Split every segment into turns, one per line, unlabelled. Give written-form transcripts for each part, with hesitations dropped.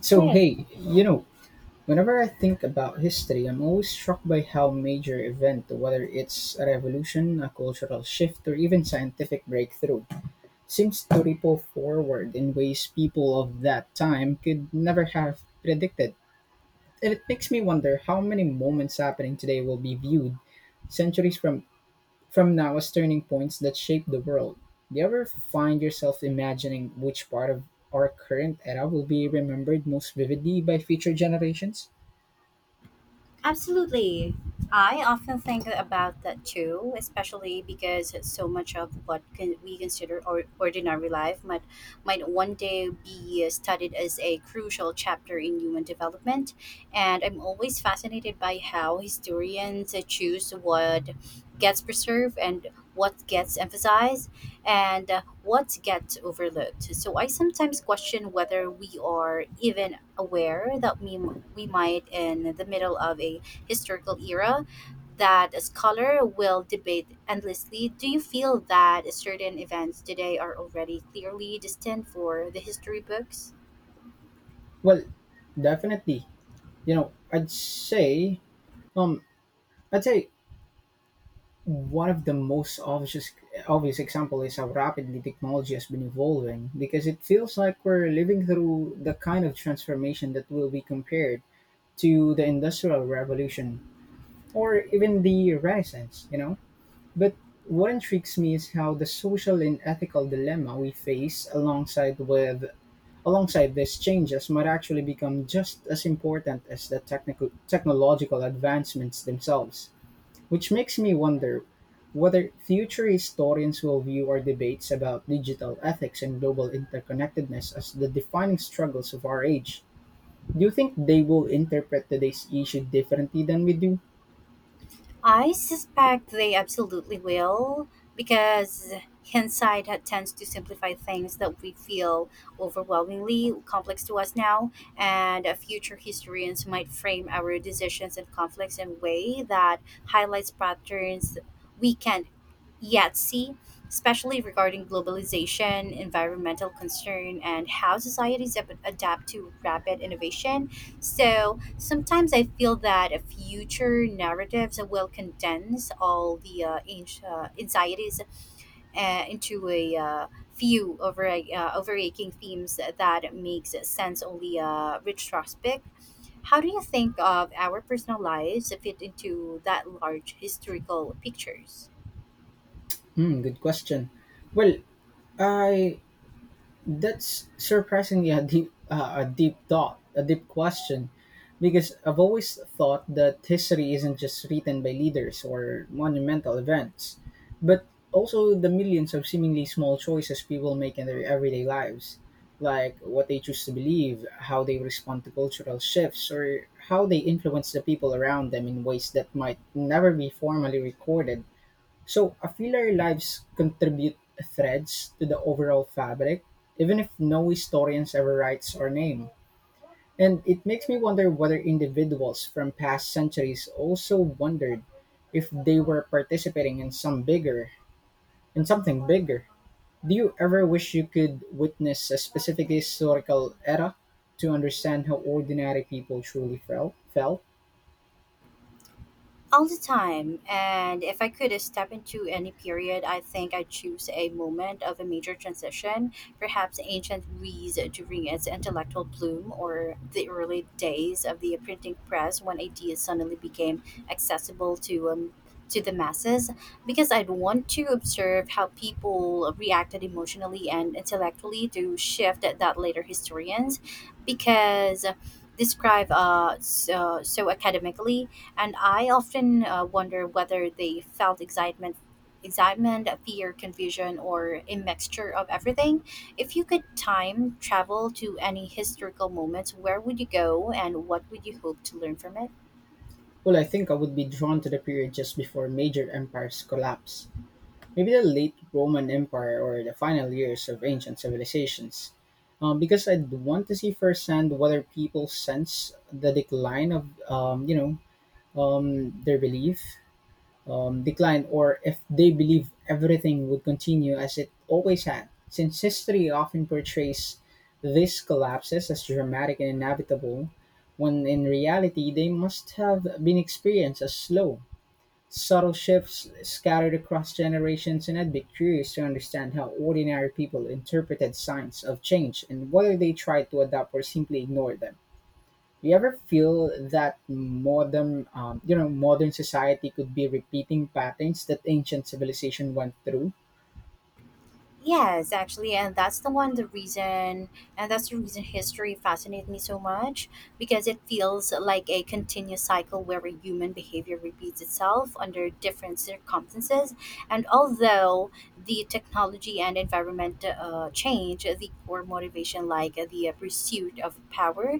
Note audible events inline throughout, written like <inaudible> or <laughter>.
So,
Okay,
whenever I think about history, I'm always struck by how major event, whether it's a revolution, a cultural shift, or even scientific breakthrough, seems to ripple forward in ways people of that time could never have predicted. And it makes me wonder how many moments happening today will be viewed centuries from now as turning points that shape the world. Do you ever find yourself imagining which part of our current era will be remembered most vividly by future generations?
absolutely. I often think about that too, especially because so much of what can we consider or ordinary life might one day be studied as a crucial chapter in human development. And I'm always fascinated by how historians choose what gets preserved and what gets emphasized, and what gets overlooked. So I sometimes question whether we are even aware that we might in the middle of a historical era that a scholar will debate endlessly. Do you feel that certain events today are already clearly destined for the history books?
Well, definitely. You know, I'd say, um, I'd say one of the most obvious example is how rapidly technology has been evolving because it feels like we're living through the kind of transformation that will be compared to the industrial revolution or even the renaissance. But what intrigues me is how the social and ethical dilemma we face alongside these changes might actually become just as important as the technical technological advancements themselves, which makes me wonder whether future historians will view our debates about digital ethics and global interconnectedness as the defining struggles of our age. Do you think they will interpret today's issue differently than we do?
I suspect they absolutely will, because tends to simplify things that we feel overwhelmingly complex to us now, and future historians might frame our decisions and conflicts in a way that highlights patterns we can yet see, especially regarding globalization, environmental concern, and how societies adapt to rapid innovation. So sometimes I feel that a future narratives will condense all the anxieties into a few overaching themes that makes sense only retrospect. How do you think of our personal lives fit into that large historical pictures?
Hmm, good question. Well, I That's surprisingly a deep question, because I've always thought that history isn't just written by leaders or monumental events, but also the millions of seemingly small choices people make in their everyday lives, like what they choose to believe, how they respond to cultural shifts, or how they influence the people around them in ways that might never be formally recorded. So I feel our lives contribute threads to the overall fabric, even if no historians ever writes our name. And it makes me wonder whether individuals from past centuries also wondered if they were participating in some bigger in something bigger. Do you ever wish you could witness a specific historical era to understand how ordinary people truly felt?
All the time. And if I could step into any period, I think I'd choose a moment of a major transition, perhaps ancient Greece during its intellectual bloom or the early days of the printing press when ideas suddenly became accessible to the masses because I'd want to observe how people reacted emotionally and intellectually to shift that later historians because describe so academically. And I often wonder whether they felt excitement, fear, confusion, or a mixture of everything. If you could time travel to any historical moments, where would you go, and what would you hope to learn from it?
Well, I think I would be drawn to the period just before major empires collapse. Maybe the late Roman Empire or the final years of ancient civilizations. Because I'd want to see firsthand whether people sense the decline of, their belief, decline, or if they believe everything would continue as it always had. Since history often portrays these collapses as dramatic and inevitable, when in reality they must have been experienced as slow, subtle shifts scattered across generations, and I'd be curious to understand how ordinary people interpreted signs of change and whether they tried to adapt or simply ignored them. Do you ever feel that modern society could be repeating patterns that ancient civilization went through?
Yes, actually, and that's the reason history fascinates me so much because it feels like a continuous cycle where a human behavior repeats itself under different circumstances. And although the technology and environment change, the core motivation, like the pursuit of power,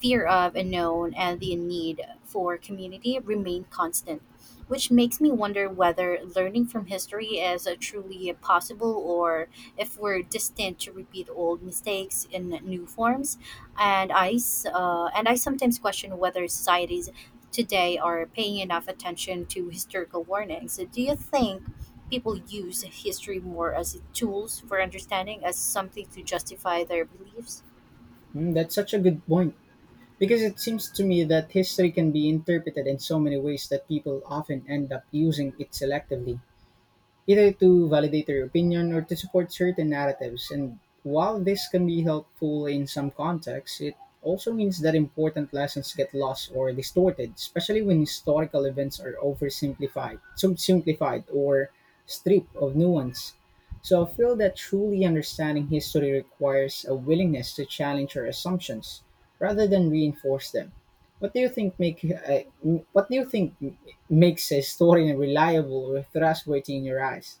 fear of unknown, and the need for community, remain constant, which makes me wonder whether learning from history is truly possible or if we're destined to repeat old mistakes in new forms. And and I sometimes question whether societies today are paying enough attention to historical warnings. Do you think people use history more as tools for understanding, as something to justify their beliefs?
Hmm, that's such a good point because it seems to me that history can be interpreted in so many ways that people often end up using it selectively, either to validate their opinion or to support certain narratives. And while this can be helpful in some contexts, it also means that important lessons get lost or distorted, especially when historical events are oversimplified, simplified, or stripped of nuance. So I feel that truly understanding history requires a willingness to challenge our assumptions rather than reinforce them. What do you think make uh, what do you think makes a story reliable or trustworthy in your eyes?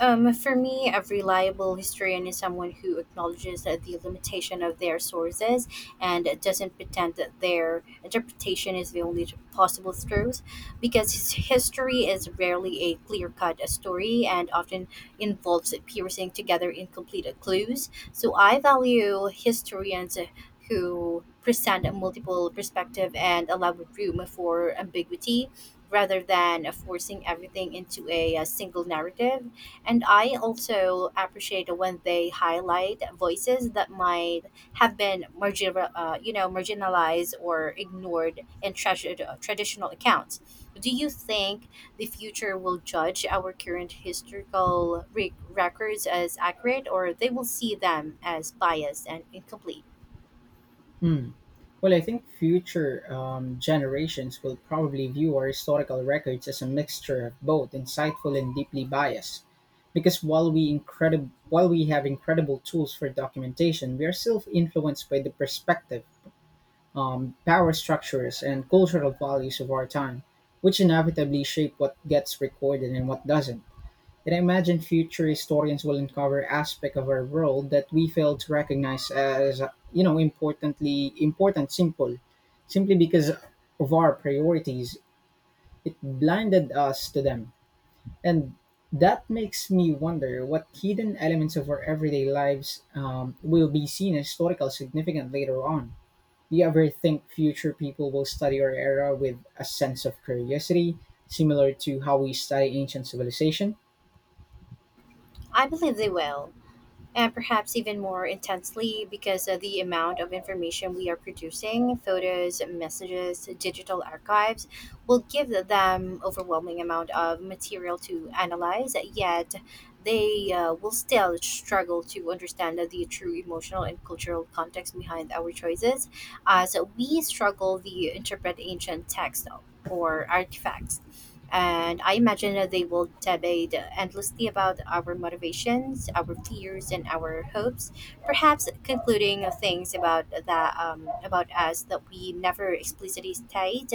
For me, a reliable historian is someone who acknowledges that the limitation of their sources and doesn't pretend that their interpretation is the only possible truth, because history is rarely a clear cut story and often involves piecing together incomplete clues. So I value historians who present a multiple perspective and allow room for ambiguity rather than forcing everything into a single narrative. And I also appreciate when they highlight voices that might have been marginalized or ignored in traditional accounts. Do you think the future will judge our current historical records as accurate, or they will see them as biased and incomplete?
Hmm. Well, I think future generations will probably view our historical records as a mixture of both insightful and deeply biased. Because while we have incredible tools for documentation, we are still influenced by the perspective, power structures, and cultural values of our time, which inevitably shape what gets recorded and what doesn't. And I imagine future historians will uncover aspect of our world that we fail to recognize as, important, simply because of our priorities. It blinded us to them. And that makes me wonder what hidden elements of our everyday lives will be seen as historical significant later on. Do you ever think future people will study our era with a sense of curiosity, similar to how we study ancient civilization?
I believe they will, and perhaps even more intensely because of the amount of information we are producing, photos, messages, digital archives will give them overwhelming amount of material to analyze. Yet they will still struggle to understand the true emotional and cultural context behind our choices as we struggle to interpret ancient text or artifacts. And I imagine that they will debate endlessly about our motivations, our fears, and our hopes, perhaps concluding things about us that we never explicitly state,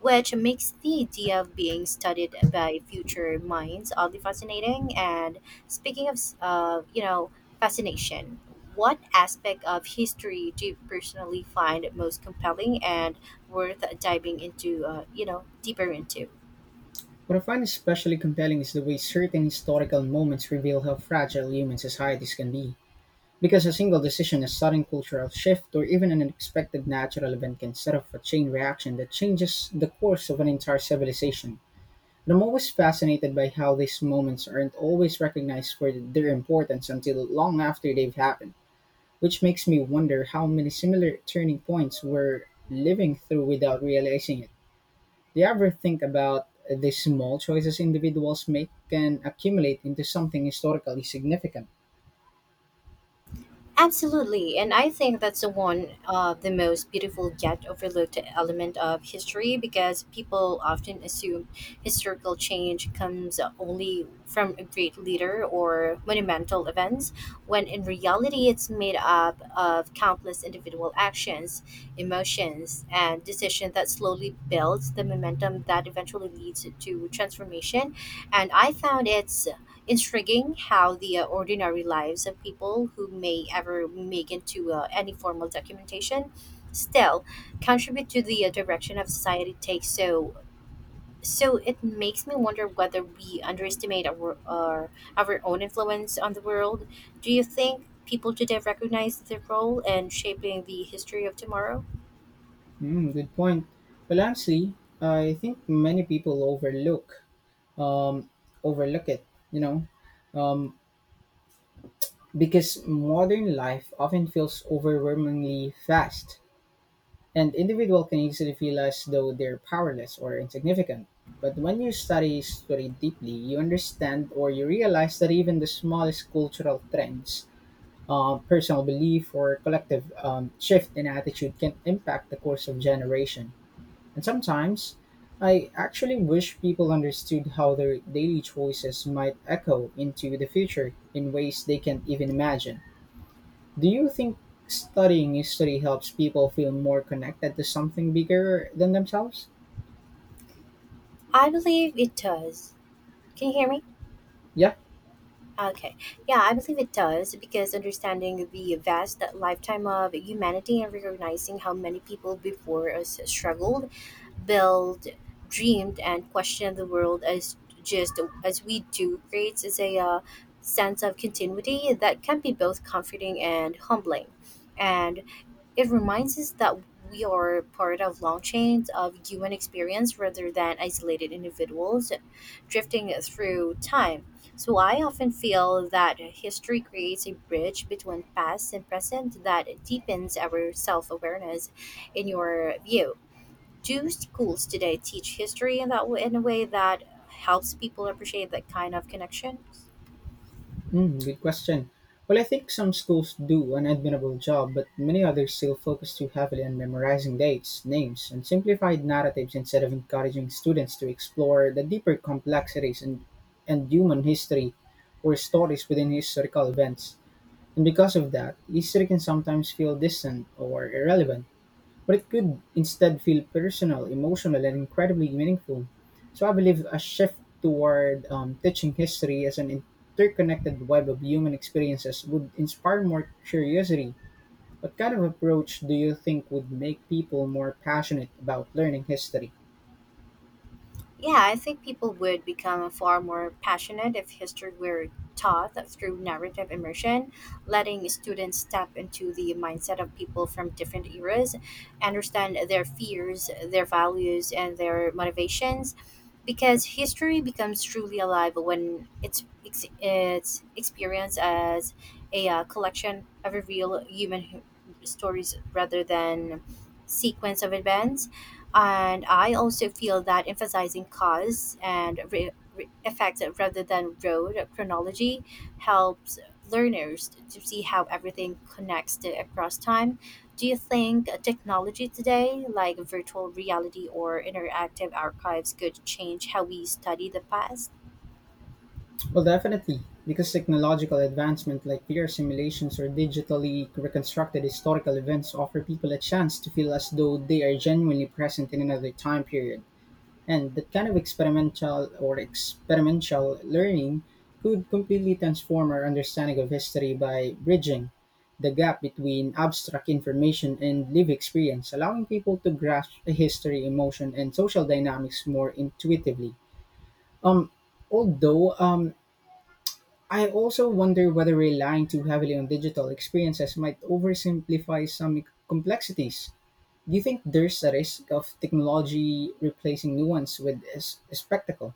which makes the idea of being studied by future minds oddly fascinating. And speaking of, fascination, what aspect of history do you personally find most compelling and worth diving into, deeper into?
What I find especially compelling is the way certain historical moments reveal how fragile human societies can be. Because a single decision, a sudden cultural shift, or even an unexpected natural event can set off a chain reaction that changes the course of an entire civilization. And I'm always fascinated by how these moments aren't always recognized for their importance until long after they've happened, which makes me wonder how many similar turning points we're living through without realizing it. Do you ever think about the small choices individuals make can accumulate into something historically significant?
Absolutely, and I think that's the one of the most beautiful yet overlooked element of history because people often assume historical change comes only from a great leader or monumental events, when in reality it's made up of countless individual actions, emotions, and decisions that slowly builds the momentum that eventually leads to transformation. And I found it's intriguing how the ordinary lives of people who may ever make into any formal documentation still contribute to the direction of society takes. So so it makes me wonder whether we underestimate our own influence on the world. Do you think people today recognize their role in shaping the history of tomorrow?
Hmm, good point. Well, honestly, I think many people overlook um, it. You know, um, because modern life often feels overwhelmingly fast, and individual can easily feel as though they're powerless or insignificant. But when you study history deeply, you understand or you realize that even the smallest cultural trends, personal belief or collective shift in attitude can impact the course of generation. And sometimes, I actually wish people understood how their daily choices might echo into the future in ways they can't even imagine. Do you think studying history helps people feel more connected to something bigger than themselves?
I believe it does. Can you hear me?
Yeah.
Okay. Yeah, I believe it does because understanding the vast lifetime of humanity and recognizing how many people before us struggled, built, dreamed, and questioned the world as just as we do creates is a sense of continuity that can be both comforting and humbling. And it reminds us that we are part of long chains of human experience rather than isolated individuals drifting through time. So I often feel that history creates a bridge between past and present that deepens our self awareness. In your view, do schools today teach history in that way, in a way that helps people appreciate that kind of connection?
Mm, good question. Well, I think some schools do an admirable job, but many others still focus too heavily on memorizing dates, names, and simplified narratives instead of encouraging students to explore the deeper complexities and human history or stories within historical events. And because of that, history can sometimes feel distant or irrelevant, but it could instead feel personal, emotional, and incredibly meaningful. So I believe a shift toward teaching history as an interconnected web of human experiences would inspire more curiosity. What kind of approach do you think would make people more passionate about learning history?
Yeah, I think people would become far more passionate if history were taught through narrative immersion, letting students step into the mindset of people from different eras, understand their fears, their values, and their motivations. Because history becomes truly alive when it's experienced as a collection of real human stories rather than sequence of events. And I also feel that emphasizing cause and effect rather than road chronology helps learners to see how everything connects to across time. Do you think technology today, like virtual reality or interactive archives, could change how we study the past?
Well, definitely, because technological advancement like VR simulations or digitally reconstructed historical events offer people a chance to feel as though they are genuinely present in another time period. And that kind of experimental learning could completely transform our understanding of history by bridging the gap between abstract information and lived experience, allowing people to grasp history, emotion, and social dynamics more intuitively. Um, although I also wonder whether relying too heavily on digital experiences might oversimplify some complexities. Do you think there's a risk of technology replacing nuance with a spectacle?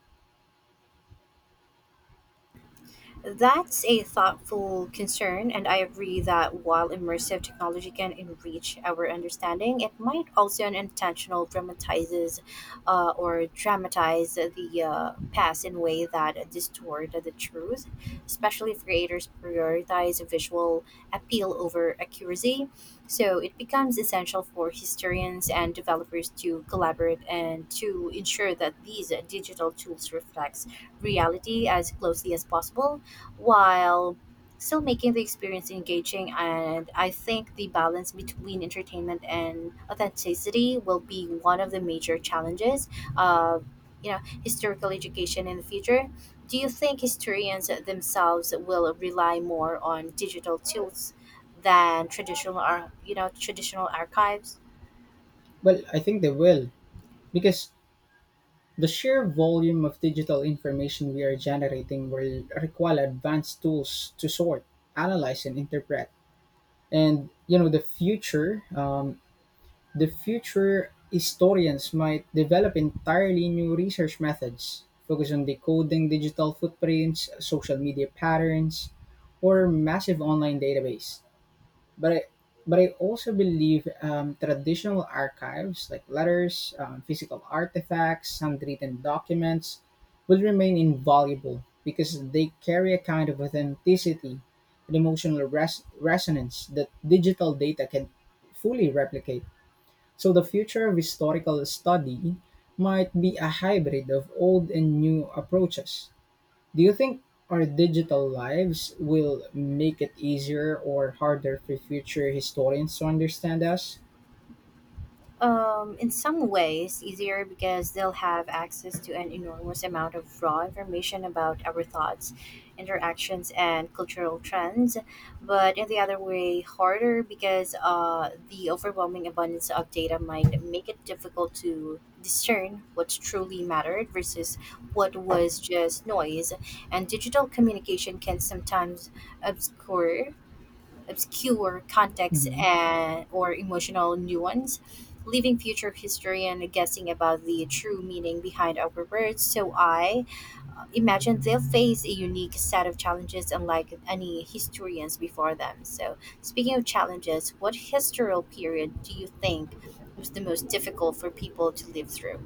That's a thoughtful concern, and I agree that while immersive technology can enrich our understanding, it might also unintentional dramatizes or dramatize the past in a way that distort the truth, especially if creators prioritize visual appeal over accuracy. So it becomes essential for historians and developers to collaborate and to ensure that these digital tools reflects reality as closely as possible while still making the experience engaging. And I think the balance between entertainment and authenticity will be one of the major challenges of, you know historical education in the future. Do you think historians themselves will rely more on digital tools than traditional traditional archives?
Well, I think they will, because the sheer volume of digital information we are generating will require advanced tools to sort, analyze, and interpret. And the future historians might develop entirely new research methods focus on decoding digital footprints, social media patterns, or massive online database, but I, but I also believe traditional archives like letters, physical artifacts, handwritten documents will remain invaluable because they carry a kind of authenticity and emotional resonance that digital data can fully replicate. So the future of historical study might be a hybrid of old and new approaches. Do you think our digital lives will make it easier or harder for future historians to understand us?
In some ways, easier because they'll have access to an enormous amount of raw information about our thoughts, interactions, and cultural trends. But in the other way, harder because the overwhelming abundance of data might make it difficult to discern what truly mattered versus what was just noise. And digital communication can sometimes obscure obscure context
hmm
and, or emotional nuance, leaving future historian guessing about the true meaning behind our words. So I imagine they'll face a unique set of challenges unlike any historians before them. So speaking of challenges, what historical period do you think was the most difficult for people to live through?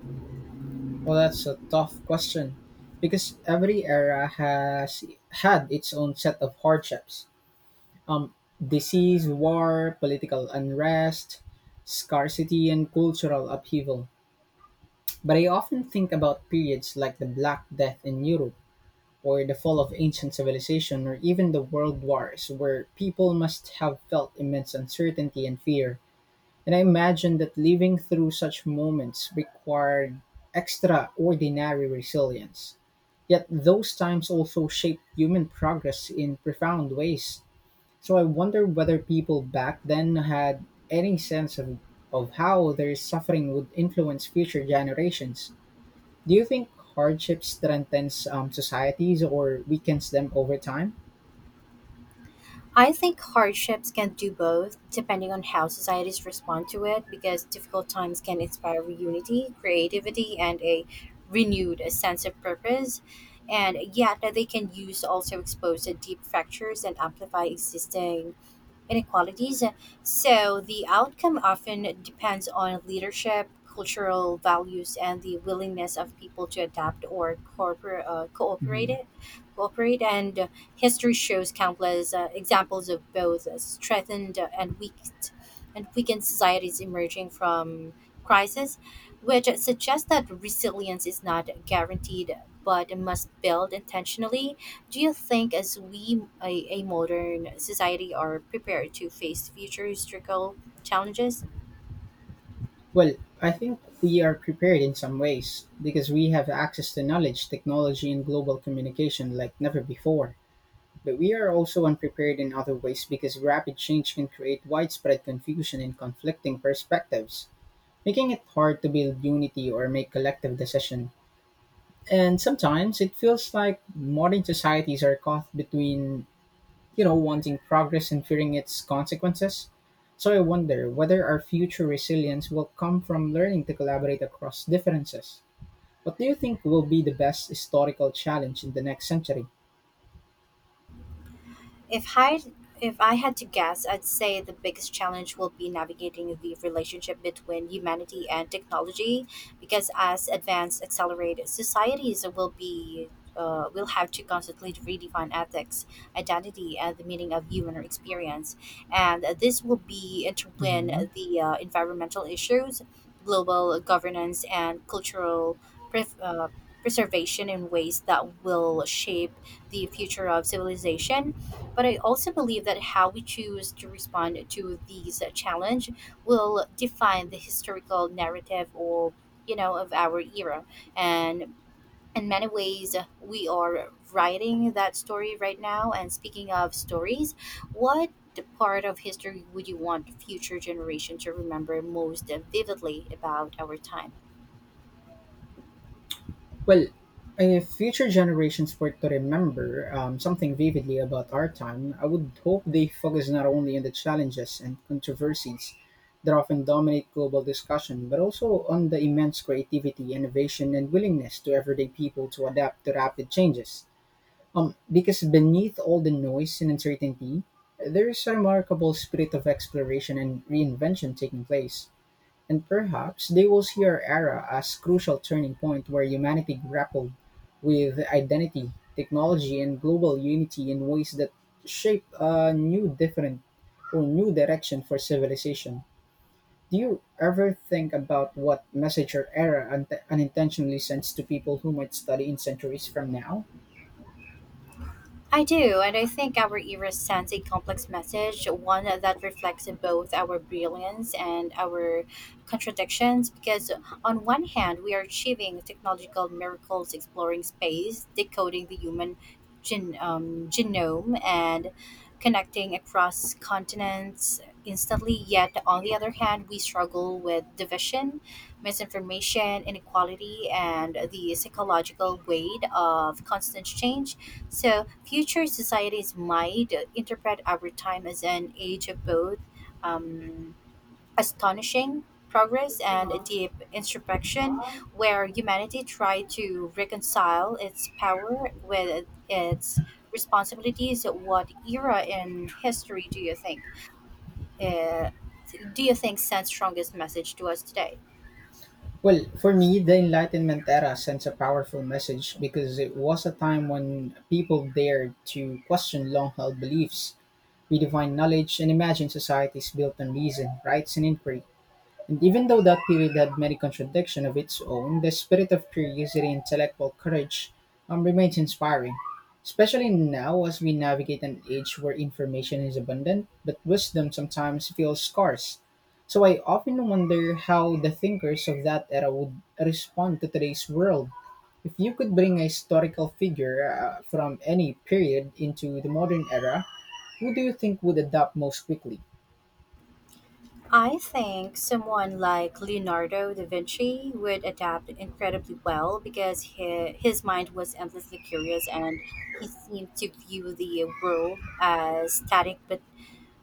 Well, that's a tough question because every era has had its own set of hardships. Disease, war, political unrest, scarcity, and cultural upheaval. But I often think about periods like the Black Death in Europe or the fall of ancient civilization, or even the world wars, where people must have felt immense uncertainty and fear. And I imagine that living through such moments required extraordinary resilience. Yet those times also shaped human progress in profound ways. So I wonder whether people back then had any sense of how their suffering would influence future generations. Do you think hardship strengthens societies or weakens them over time?
I think hardships can do both, depending on how societies respond to it, because difficult times can inspire unity, creativity, and a renewed sense of purpose. And yet, they can use also expose the deep fractures and amplify existing inequalities. So the outcome often depends on leadership, cultural values, and the willingness of people to adapt or cooperate.
hmm
Cooperate, and history shows countless examples of both strengthened and weakened societies emerging from crisis, which suggests that resilience is not guaranteed but must build intentionally. Do you think, as we, a modern society, are prepared to face future historical challenges?
Well, I think we are prepared in some ways because we have access to knowledge, technology, and global communication like never before. But we are also unprepared in other ways because rapid change can create widespread confusion and conflicting perspectives, making it hard to build unity or make collective decision. And sometimes it feels like modern societies are caught between, wanting progress and fearing its consequences. So I wonder whether our future resilience will come from learning to collaborate across differences. What do you think will be the best historical challenge in the next century?
If I if I had to guess, I'd say the biggest challenge will be navigating the relationship between humanity and technology, because as advanced accelerated societies will be, will have to constantly redefine ethics, identity, and the meaning of human experience, and this will be intertwined
Mhm.
the environmental issues, global governance, and cultural pref- uh, preservation in ways that will shape the future of civilization. But I also believe that how we choose to respond to these challenge will define the historical narrative or, of our era. And in many ways we are writing that story right now. And speaking of stories, what part of history would you want future generation to remember most vividly about our time?
Well, if future generations were to remember something vividly about our time, I would hope they focus not only on the challenges and controversies that often dominate global discussion, but also on the immense creativity, innovation, and willingness to everyday people to adapt to rapid changes. Because beneath all the noise and uncertainty, there is a remarkable spirit of exploration and reinvention taking place. And perhaps they will see our era as crucial turning point where humanity grappled with identity, technology, and global unity in ways that shape a new different or new direction for civilization. Do you ever think about what message or era unintentionally sends to people who might study in centuries from now?
I do, and I think our era sends a complex message, one that reflects both our brilliance and our contradictions. Because, on one hand, we are achieving technological miracles, exploring space, decoding the human genome, and connecting across continents instantly. Yet, on the other hand, we struggle with division, misinformation, inequality, and the psychological weight of constant change. So, future societies might interpret our time as an age of both um, astonishing progress and a deep introspection, where humanity tried to reconcile its power with its responsibilities. What era in history do you think? Uh, do you think sends strongest message to us today?
Well, for me, the Enlightenment era sends a powerful message because it was a time when people dared to question long held beliefs. We define knowledge and imagine societies built on reason, rights, and inquiry. And even though that period had many contradictions of its own, the spirit of curiosity and intellectual courage remains inspiring, especially now as we navigate an age where information is abundant, but wisdom sometimes feels scarce. So I often wonder how the thinkers of that era would respond to today's world. If you could bring a historical figure from any period into the modern era, who do you think would adapt most quickly?
I think someone like Leonardo da Vinci would adapt incredibly well because he, his mind was endlessly curious and he seemed to view the world as static but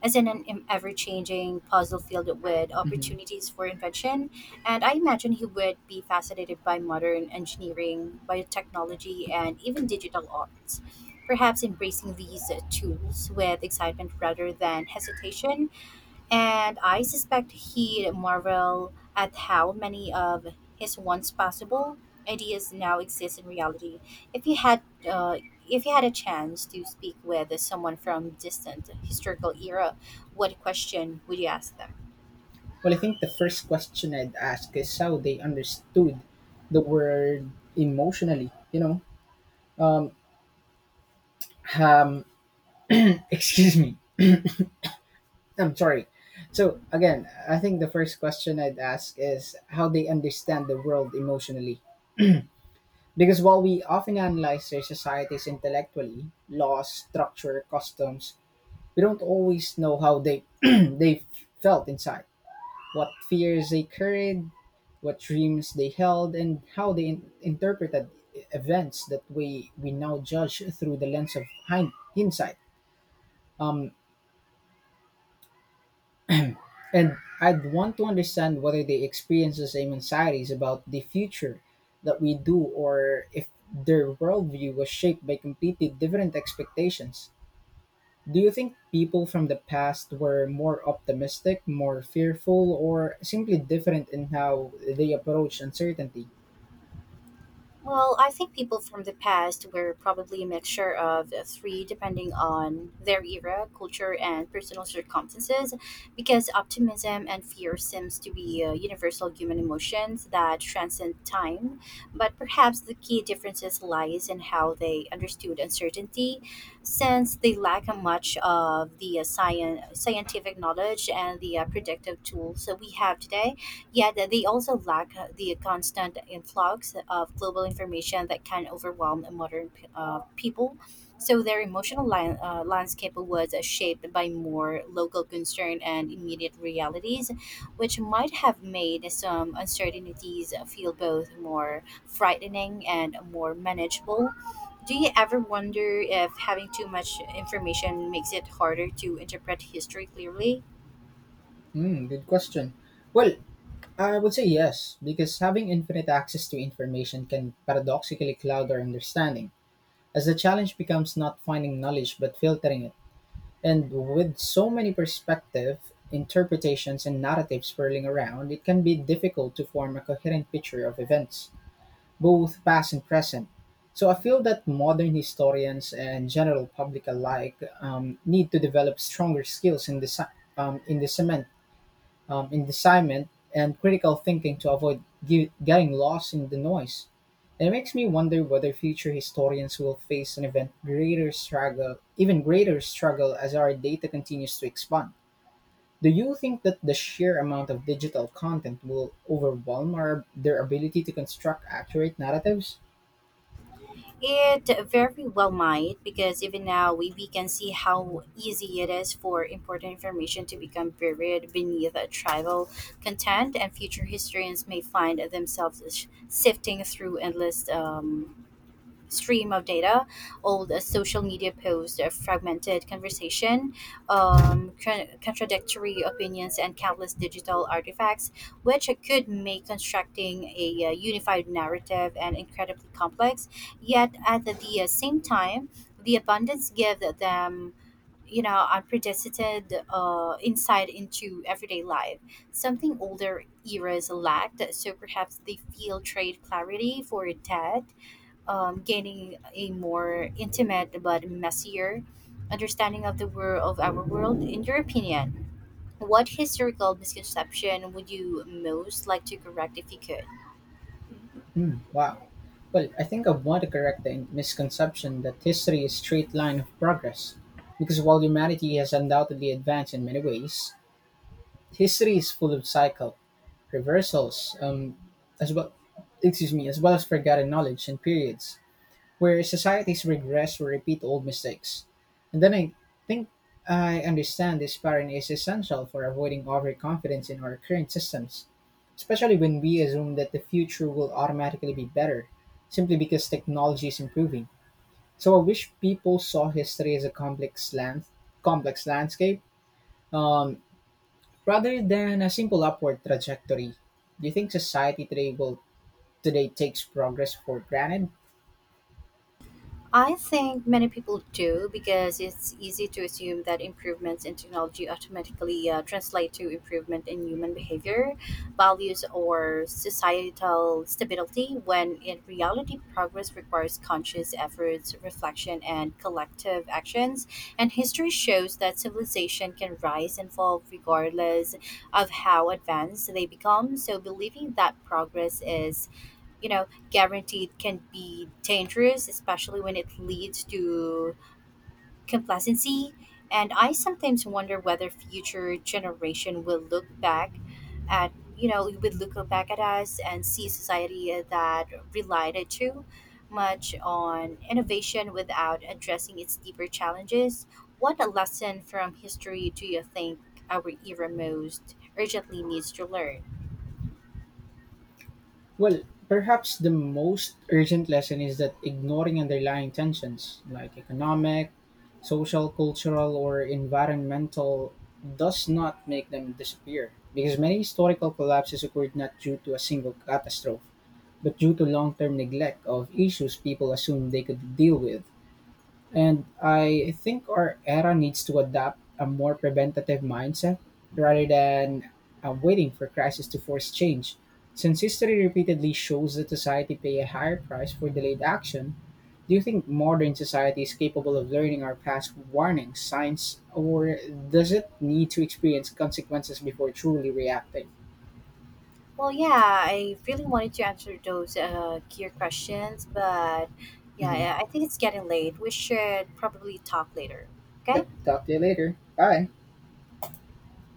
as in an ever changing puzzle field with
Hmm.
opportunities for invention. And I imagine he would be fascinated by modern engineering, biotechnology, and even digital arts. Perhaps embracing these tools with excitement rather than hesitation, and I suspect he'd marvel at how many of his once possible ideas now exist in reality. If you had, uh, if you had a chance to speak with someone from distant historical era, what question would you ask them?
Well, I think the first question I'd ask is how they understood the word emotionally. You know, um, um, <clears throat> excuse me. I'm sorry. So again, I think the first question I'd ask is how they understand the world emotionally. Because while we often analyze their societies intellectually, laws, structure, customs, we don't always know how they <clears throat> they felt inside. What fears they carried, what dreams they held, and how they interpreted events that we now judge through the lens of hindsight. Um, and I'd want to understand whether they experience the same anxieties about the future that we do, or if their worldview was shaped by completely different expectations. Do you think people from the past were more optimistic, more fearful, or simply different in how they approach uncertainty?
Well, I think people from the past were probably a mixture of the three depending on their era, culture, and personal circumstances, because optimism and fear seems to be universal human emotions that transcend time. But perhaps the key differences lies in how they understood uncertainty, since they lack a much of the scientific knowledge and the predictive tools that we have today. Yet they also lack the constant influx of global information that can overwhelm modern people. So their emotional landscape was shaped by more local concern and immediate realities, which might have made some uncertainties feel both more frightening and more manageable. Do you ever wonder if having too much information makes it harder to interpret history clearly?
Hmm, good question. Well, I would say yes, because having infinite access to information can paradoxically cloud our understanding, as the challenge becomes not finding knowledge but filtering it. And with so many perspectives, interpretations, and narratives swirling around, it can be difficult to form a coherent picture of events, both past and present. So I feel that modern historians and general public alike need to develop stronger skills in, um, in discernment in discernment and critical thinking to avoid getting lost in the noise. It makes me wonder whether future historians will face an even greater struggle as our data continues to expand. Do you think that the sheer amount of digital content will overwhelm their ability to construct accurate narratives?
It very well might, because even now we can see how easy it is for important information to become buried beneath a tribal content, and future historians may find themselves sifting through endless stream of data, old social media posts, fragmented conversation, contradictory opinions, and countless digital artifacts, which could make constructing a unified narrative and incredibly complex. Yet at the same time, the abundance gives them, you know, unprecedented insight into everyday life, something older eras lacked, so perhaps they feel trade clarity for debt, gaining a more intimate but messier understanding of the world of our world. In your opinion, what historical misconception would you most like to correct if you could?
Hmm, wow. Well, I think I want to correct the misconception that history is straight line of progress, because while humanity has undoubtedly advanced in many ways, history is full of cycle reversals, as well, excuse me, as well as forgotten knowledge and periods where societies regress or repeat old mistakes. And then I think I understand this pattern is essential for avoiding overconfidence in our current systems, especially when we assume that the future will automatically be better simply because technology is improving. So I wish people saw history as a complex landscape. Um, Rather than a simple upward trajectory, do you think society today will today takes progress for granted?
I think many people do because it's easy to assume that improvements in technology automatically translate to improvement in human behavior, values, or societal stability, when in reality, progress requires conscious efforts, reflection, and collective actions. And history shows that civilization can rise and fall regardless of how advanced they become. So, believing that progress is, guaranteed can be dangerous, especially when it leads to complacency. And I sometimes wonder whether future generation will look back at, would look back at us and see society that relied too much on innovation without addressing its deeper challenges. What a lesson from history do you think our era most urgently needs to learn?
Well, perhaps the most urgent lesson is that ignoring underlying tensions like economic, social, cultural, or environmental does not make them disappear because many historical collapses occurred not due to a single catastrophe, but due to long-term neglect of issues people assumed they could deal with. And I think our era needs to adopt a more preventative mindset rather than waiting for crisis to force change. Since history repeatedly shows that society pay a higher price for delayed action, do you think modern society is capable of learning our past warning signs, or does it need to experience consequences before truly reacting?
Well, yeah, I really wanted to answer those gear questions, but yeah,
Mhm.
I think it's getting late. We should probably talk later. Okay?
Yep, talk to you later. Bye.